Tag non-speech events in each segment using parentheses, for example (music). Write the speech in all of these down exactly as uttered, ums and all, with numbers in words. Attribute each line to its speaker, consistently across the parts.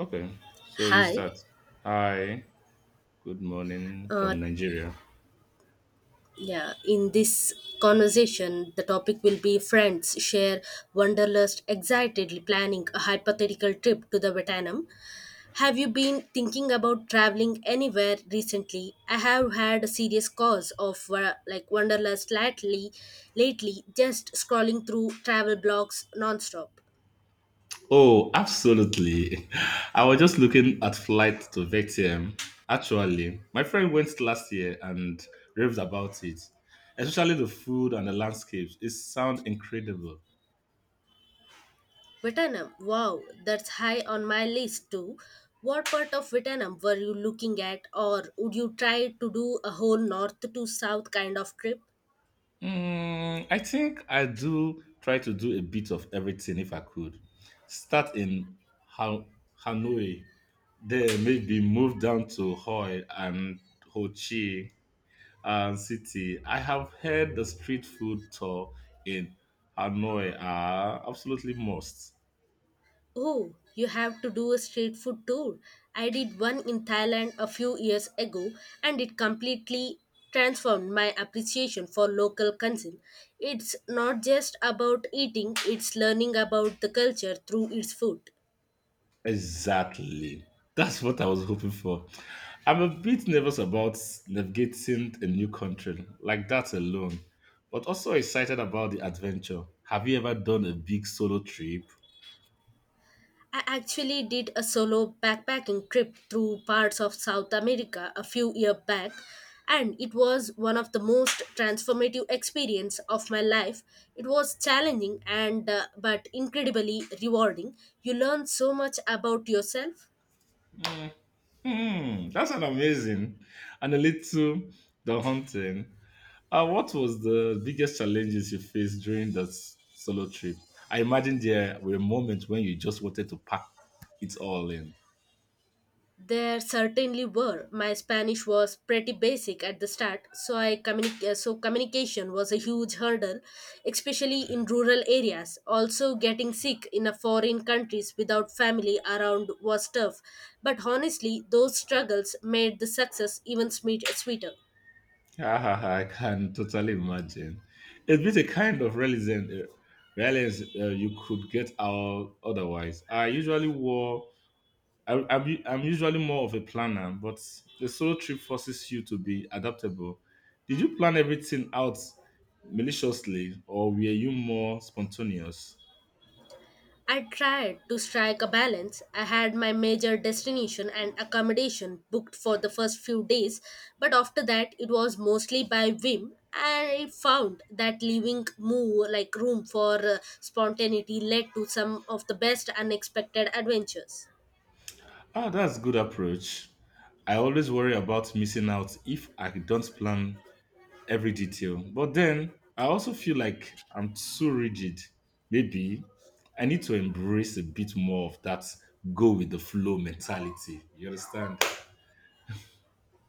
Speaker 1: Okay, so you
Speaker 2: Hi.
Speaker 1: start. Hi, good morning
Speaker 2: Uh,
Speaker 1: from Nigeria.
Speaker 2: yeah, in this conversation, the topic will be friends share wanderlust, excitedly planning a hypothetical trip to the Vietnam. Have you been thinking about traveling anywhere recently? I have had a serious cause of uh, like wanderlust lately. Lately, just scrolling through travel blogs nonstop.
Speaker 1: Oh, absolutely. (laughs) I was just looking at flight to Vietnam. Actually, my friend went last year and raved about it, especially the food and the landscapes. It sounds incredible.
Speaker 2: Vietnam. Wow, that's high on my list too. What part of Vietnam were you looking at, or would you try to do a whole north to south kind of trip?
Speaker 1: Mm, I think I do try to do a bit of everything if I could. Start in ha- Hanoi, then maybe move down to Hoi and Ho Chi and city. I have heard the street food tour in Hanoi are absolutely must.
Speaker 2: Oh, you have to do a street food tour. I did one in Thailand a few years ago, and it completely transformed my appreciation for local cuisine. It's not just about eating, it's learning about the culture through its food.
Speaker 1: Exactly. That's what I was hoping for. I'm a bit nervous about navigating a new country like that alone, but also excited about the adventure. Have you ever done a big solo trip?
Speaker 2: I actually did a solo backpacking trip through parts of South America a few years back, and it was one of the most transformative experience of my life. It was challenging and uh, but incredibly rewarding. You learn so much about yourself.
Speaker 1: Hmm, that's an amazing and a little the hunting. Uh, what was the biggest challenges you faced during that s- solo trip? I imagine there were moments when you just wanted to pack it all in.
Speaker 2: There certainly were. My Spanish was pretty basic at the start, so I communi- uh, so communication was a huge hurdle, especially in rural areas. Also, getting sick in a foreign countries without family around was tough, but honestly, those struggles made the success even sweet- sweeter.
Speaker 1: Ah, ah, ah, I can totally imagine. It'd be the kind of realism, uh, realism uh, you could get out otherwise. I usually wore I, I'm, u- I'm usually more of a planner, but the solo trip forces you to be adaptable. Did you plan everything out maliciously or were you more spontaneous?
Speaker 2: I tried to strike a balance. I had my major destination and accommodation booked for the first few days, but after that it was mostly by whim. I found that leaving more like room for uh, spontaneity led to some of the best unexpected adventures.
Speaker 1: Ah, that's a good approach. I always worry about missing out if I don't plan every detail. But then I also feel like I'm too rigid. Maybe I need to embrace a bit more of that go with the flow mentality. You understand?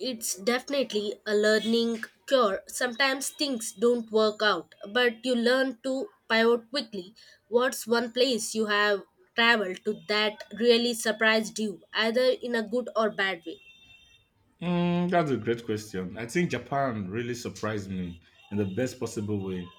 Speaker 2: It's definitely a learning cure. Sometimes things don't work out, but you learn to pivot quickly. What's one place you have traveled to that really surprised you, either in a good or bad way?
Speaker 1: Mm, that's a great question. I think Japan really surprised me in the best possible way.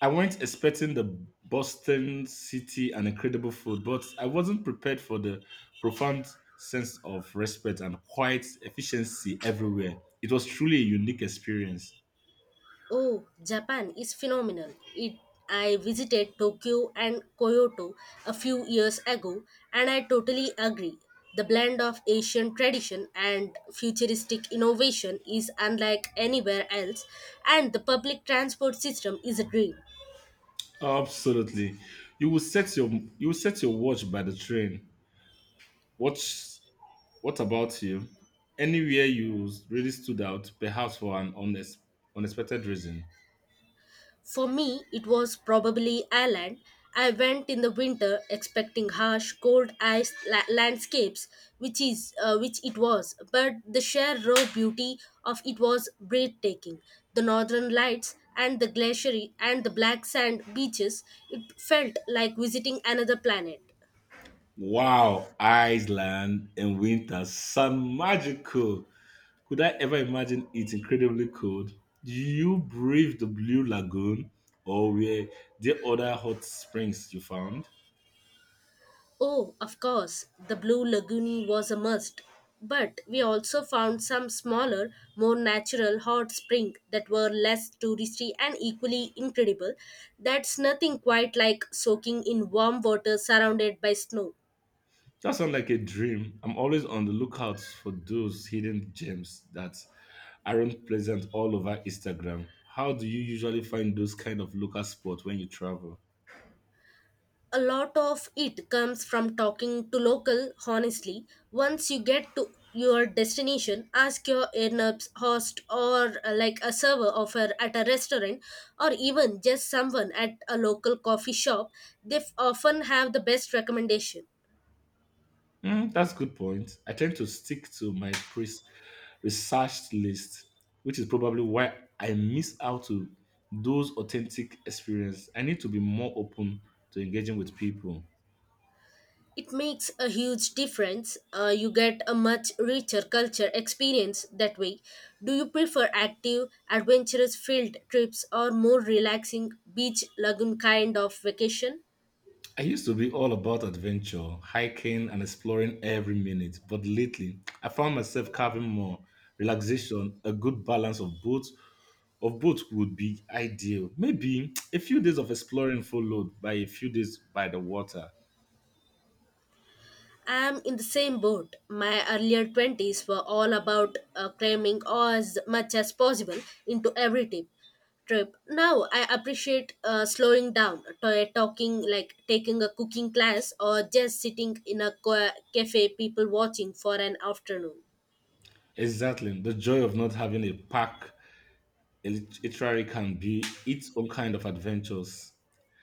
Speaker 1: I went expecting the Boston city and incredible food, but I wasn't prepared for the profound sense of respect and quiet efficiency everywhere. It was truly a unique experience.
Speaker 2: Oh, Japan is phenomenal. It I visited Tokyo and Kyoto a few years ago and I totally agree. The blend of Asian tradition and futuristic innovation is unlike anywhere else, and the public transport system is a dream.
Speaker 1: Absolutely. You will set your you will set your watch by the train. What's what about you? Anywhere you really stood out, perhaps for an honest, unexpected reason.
Speaker 2: For me, it was probably Ireland. I went in the winter expecting harsh, cold ice la- landscapes, which is uh, which it was. But the sheer raw beauty of it was breathtaking. The northern lights and the glacier and the black sand beaches. It felt like visiting another planet.
Speaker 1: Wow, Iceland in winter sound magical. Could I ever imagine it incredibly cold? Do you brave the blue lagoon or were there other hot springs you found?
Speaker 2: Oh, of course, the Blue Lagoon was a must. But we also found some smaller, more natural hot springs that were less touristy and equally incredible. That's nothing quite like soaking in warm water surrounded by snow.
Speaker 1: That sounds like a dream. I'm always on the lookout for those hidden gems that aren't present all over Instagram. How do you usually find those kind of local spots when you travel?
Speaker 2: A lot of it comes from talking to local, honestly. Once you get to your destination, ask your in-apps host or uh, like a server of a, at a restaurant, or even just someone at a local coffee shop. They f- often have the best recommendation.
Speaker 1: Mm, that's good point. I tend to stick to my pre researched list, which is probably why I miss out to those authentic experiences. I need to be more open to engaging with people.
Speaker 2: It makes a huge difference. Uh, you get a much richer culture experience that way. Do you prefer active adventurous field trips or more relaxing beach lagoon kind of vacation?
Speaker 1: I used to be all about adventure, hiking and exploring every minute, but lately I found myself carving more relaxation, a good balance of both of both would be ideal. Maybe a few days of exploring followed by a few days by the water.
Speaker 2: I'm in the same boat. My earlier twenties were all about uh, cramming as much as possible into every tip. Trip. Now I appreciate uh, slowing down, to- uh, talking like taking a cooking class, or just sitting in a co- cafe, people watching for an afternoon.
Speaker 1: Exactly. The joy of not having a pack, a lit- literary can be its own kind of adventures.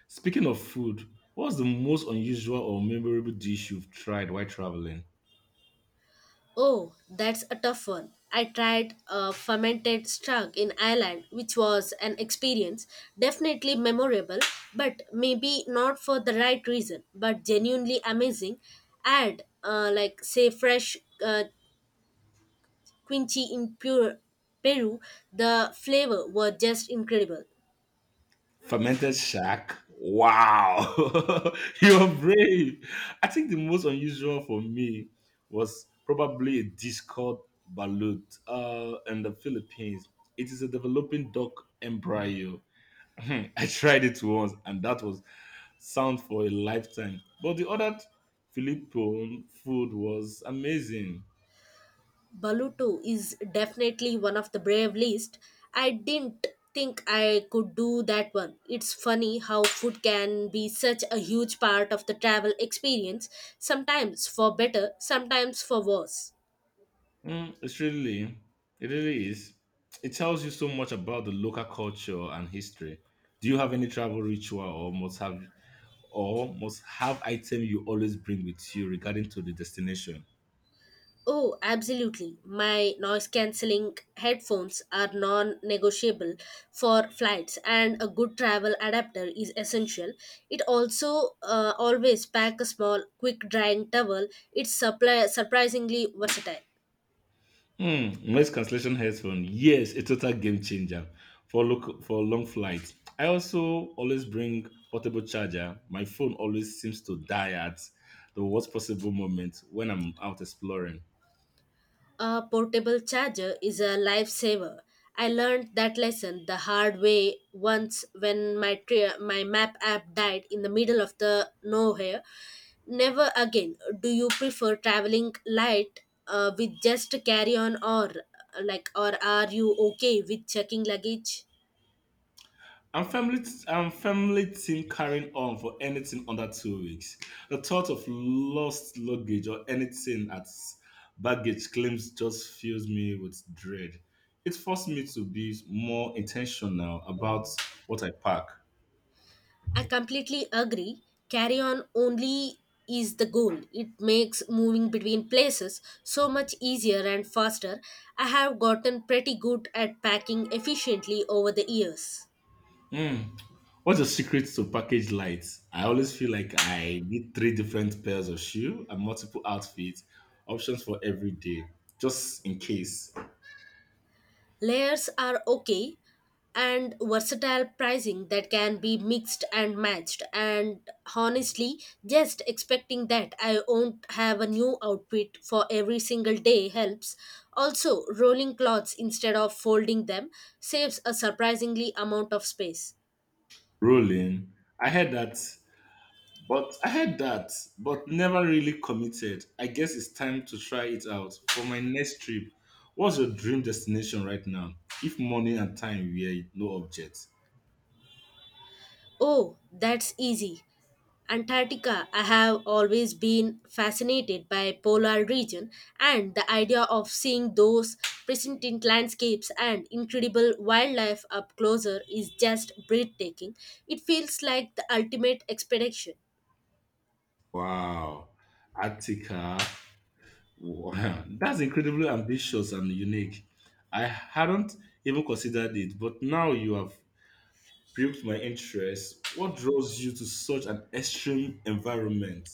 Speaker 1: Speaking of food, what's the most unusual or memorable dish you've tried while traveling?
Speaker 2: Oh, that's a tough one. I tried a fermented strug in Ireland, which was an experience, definitely memorable, but maybe not for the right reason, but genuinely amazing. Add, uh, like, say, fresh uh, quince in pure Peru, the flavor were just incredible.
Speaker 1: Fermented shark. Wow. (laughs) You're brave. I think the most unusual for me was probably a dish called balut uh, in the Philippines. It is a developing duck embryo. (laughs) I tried it once and that was sound for a lifetime. But the other Filipino food was amazing.
Speaker 2: Baluto is definitely one of the brave list. I didn't think I could do that one. It's funny how food can be such a huge part of the travel experience, sometimes for better, sometimes for worse.
Speaker 1: Mm, it's really, it really is. It tells you so much about the local culture and history. Do you have any travel ritual or must have or must have item you always bring with you regarding to the destination?
Speaker 2: Oh, absolutely. My noise cancelling headphones are non negotiable for flights, and a good travel adapter is essential. It also uh, always pack a small, quick drying towel. It's supply- surprisingly versatile.
Speaker 1: Mm, noise cancellation headphone. Yes, a total game changer for look for long flights. I also always bring portable charger. My phone always seems to die at the worst possible moment when I'm out exploring.
Speaker 2: A portable charger is a lifesaver. I learned that lesson the hard way once when my tri- my map app died in the middle of the nowhere. Never again. Do you prefer traveling light, uh, with just carry on, or uh, like or are you okay with checking luggage?
Speaker 1: I'm family. I'm family team carrying on for anything under two weeks. The thought of lost luggage or anything at baggage claims just fills me with dread. It forced me to be more intentional about what I pack.
Speaker 2: I completely agree. Carry on only is the goal. It makes moving between places so much easier and faster. I have gotten pretty good at packing efficiently over the years.
Speaker 1: Mm. What's your secret to package light? I always feel like I need three different pairs of shoe and multiple outfits, options for every day, just in case.
Speaker 2: Layers are okay and versatile pricing that can be mixed and matched. And honestly, just expecting that I won't have a new outfit for every single day helps. Also, rolling clothes instead of folding them saves a surprisingly amount of space.
Speaker 1: Rolling. I heard that, but I heard that, but never really committed. I guess it's time to try it out for my next trip. What's your dream destination right now? If money and time were no objects.
Speaker 2: Oh, that's easy. Antarctica, I have always been fascinated by polar region, and the idea of seeing those pristine landscapes and incredible wildlife up closer is just breathtaking. It feels like the ultimate expedition.
Speaker 1: Wow. Attica. Wow, that's incredibly ambitious and unique. I hadn't even considered it, but now you have piqued my interest. What draws you to such an extreme environment?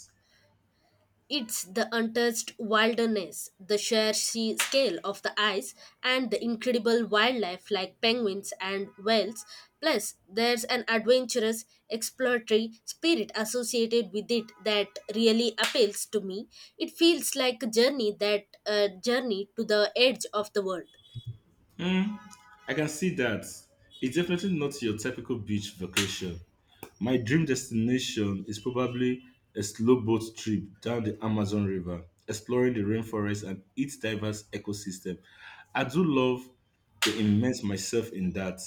Speaker 2: It's the untouched wilderness, the sheer sea scale of the ice, and the incredible wildlife like penguins and whales. Plus, there's an adventurous, exploratory spirit associated with it that really appeals to me. It feels like a journey that a journey to the edge of the world.
Speaker 1: Hmm, I can see that. It's definitely not your typical beach vacation. My dream destination is probably a slow boat trip down the Amazon River, exploring the rainforest and its diverse ecosystem. I do love to immerse myself in that.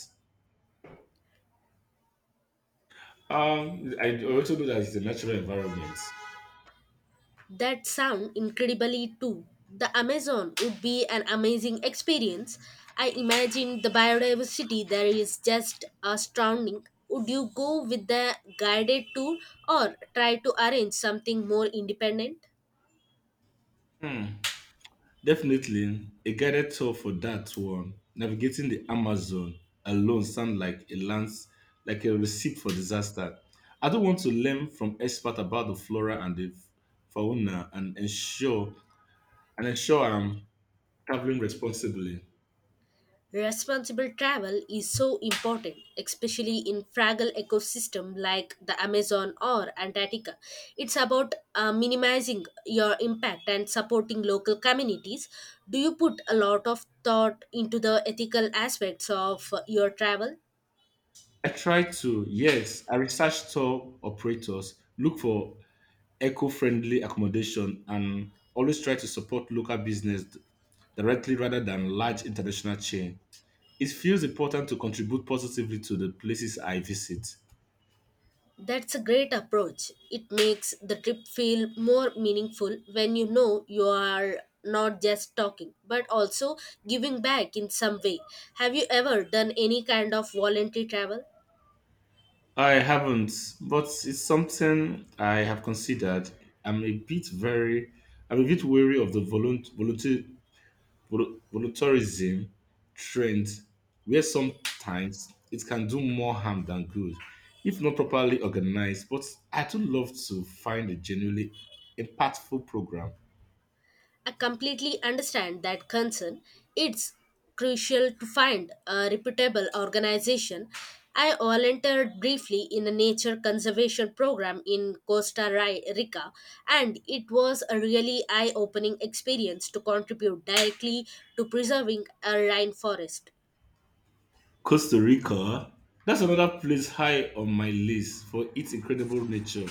Speaker 1: Um, I also know that it's a natural environment.
Speaker 2: That sound incredibly too. The Amazon would be an amazing experience. I imagine the biodiversity there is just astounding. Would you go with the guided tour, or try to arrange something more independent?
Speaker 1: Hmm. Definitely, a guided tour for that one. Navigating the Amazon alone sounds like a lands like a recipe for disaster. I don't want to learn from experts about the flora and the fauna and ensure and ensure I'm traveling responsibly.
Speaker 2: Responsible travel is so important, especially in fragile ecosystem like the Amazon or Antarctica. It's about uh, minimizing your impact and supporting local communities. Do you put a lot of thought into the ethical aspects of uh, your travel?
Speaker 1: I try to, yes, I research tour operators, look for eco-friendly accommodation, and always try to support local business directly rather than large international chain, it feels important to contribute positively to the places I visit.
Speaker 2: That's a great approach. It makes the trip feel more meaningful when you know you are not just talking, but also giving back in some way. Have you ever done any kind of voluntary travel?
Speaker 1: I haven't, but it's something I have considered. I'm a bit very, I'm a bit wary of the volunt- volunteer- volu- volunteerism trend, where sometimes it can do more harm than good if not properly organized. But I do love to find a genuinely impactful program
Speaker 2: I completely understand that concern. It's crucial to find a reputable organization. I volunteered briefly in a nature conservation program in Costa Ri- Rica, and it was a really eye opening experience to contribute directly to preserving a rainforest.
Speaker 1: Costa Rica. That's another place high on my list for its incredible nature.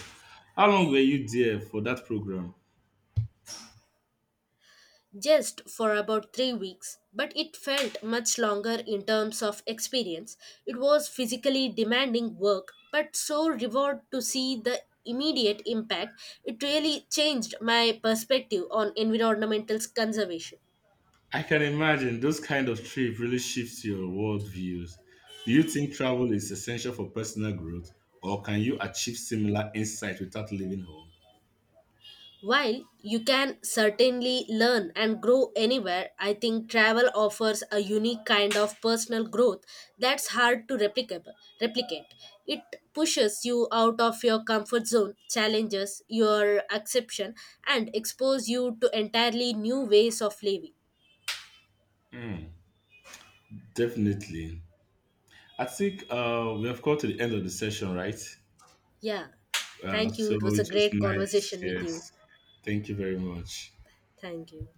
Speaker 1: How long were you there for that program?
Speaker 2: Just for about three weeks, but it felt much longer in terms of experience. It was physically demanding work, but so reward to see the immediate impact. It really changed my perspective on environmental conservation.
Speaker 1: I can imagine those kind of trip really shifts your world views. Do you think travel is essential for personal growth, or can you achieve similar insight without leaving home?
Speaker 2: While you can certainly learn and grow anywhere, I think travel offers a unique kind of personal growth that's hard to replicable- replicate. It pushes you out of your comfort zone, challenges your acceptance, and expose you to entirely new ways of living.
Speaker 1: Hmm, definitely. I think uh, we have come to the end of the session, right?
Speaker 2: Yeah.
Speaker 1: Uh,
Speaker 2: Thank you.
Speaker 1: so
Speaker 2: It was a
Speaker 1: it was
Speaker 2: great
Speaker 1: nice.
Speaker 2: conversation with you.
Speaker 1: Yes. Thank you very much.
Speaker 2: Thank you.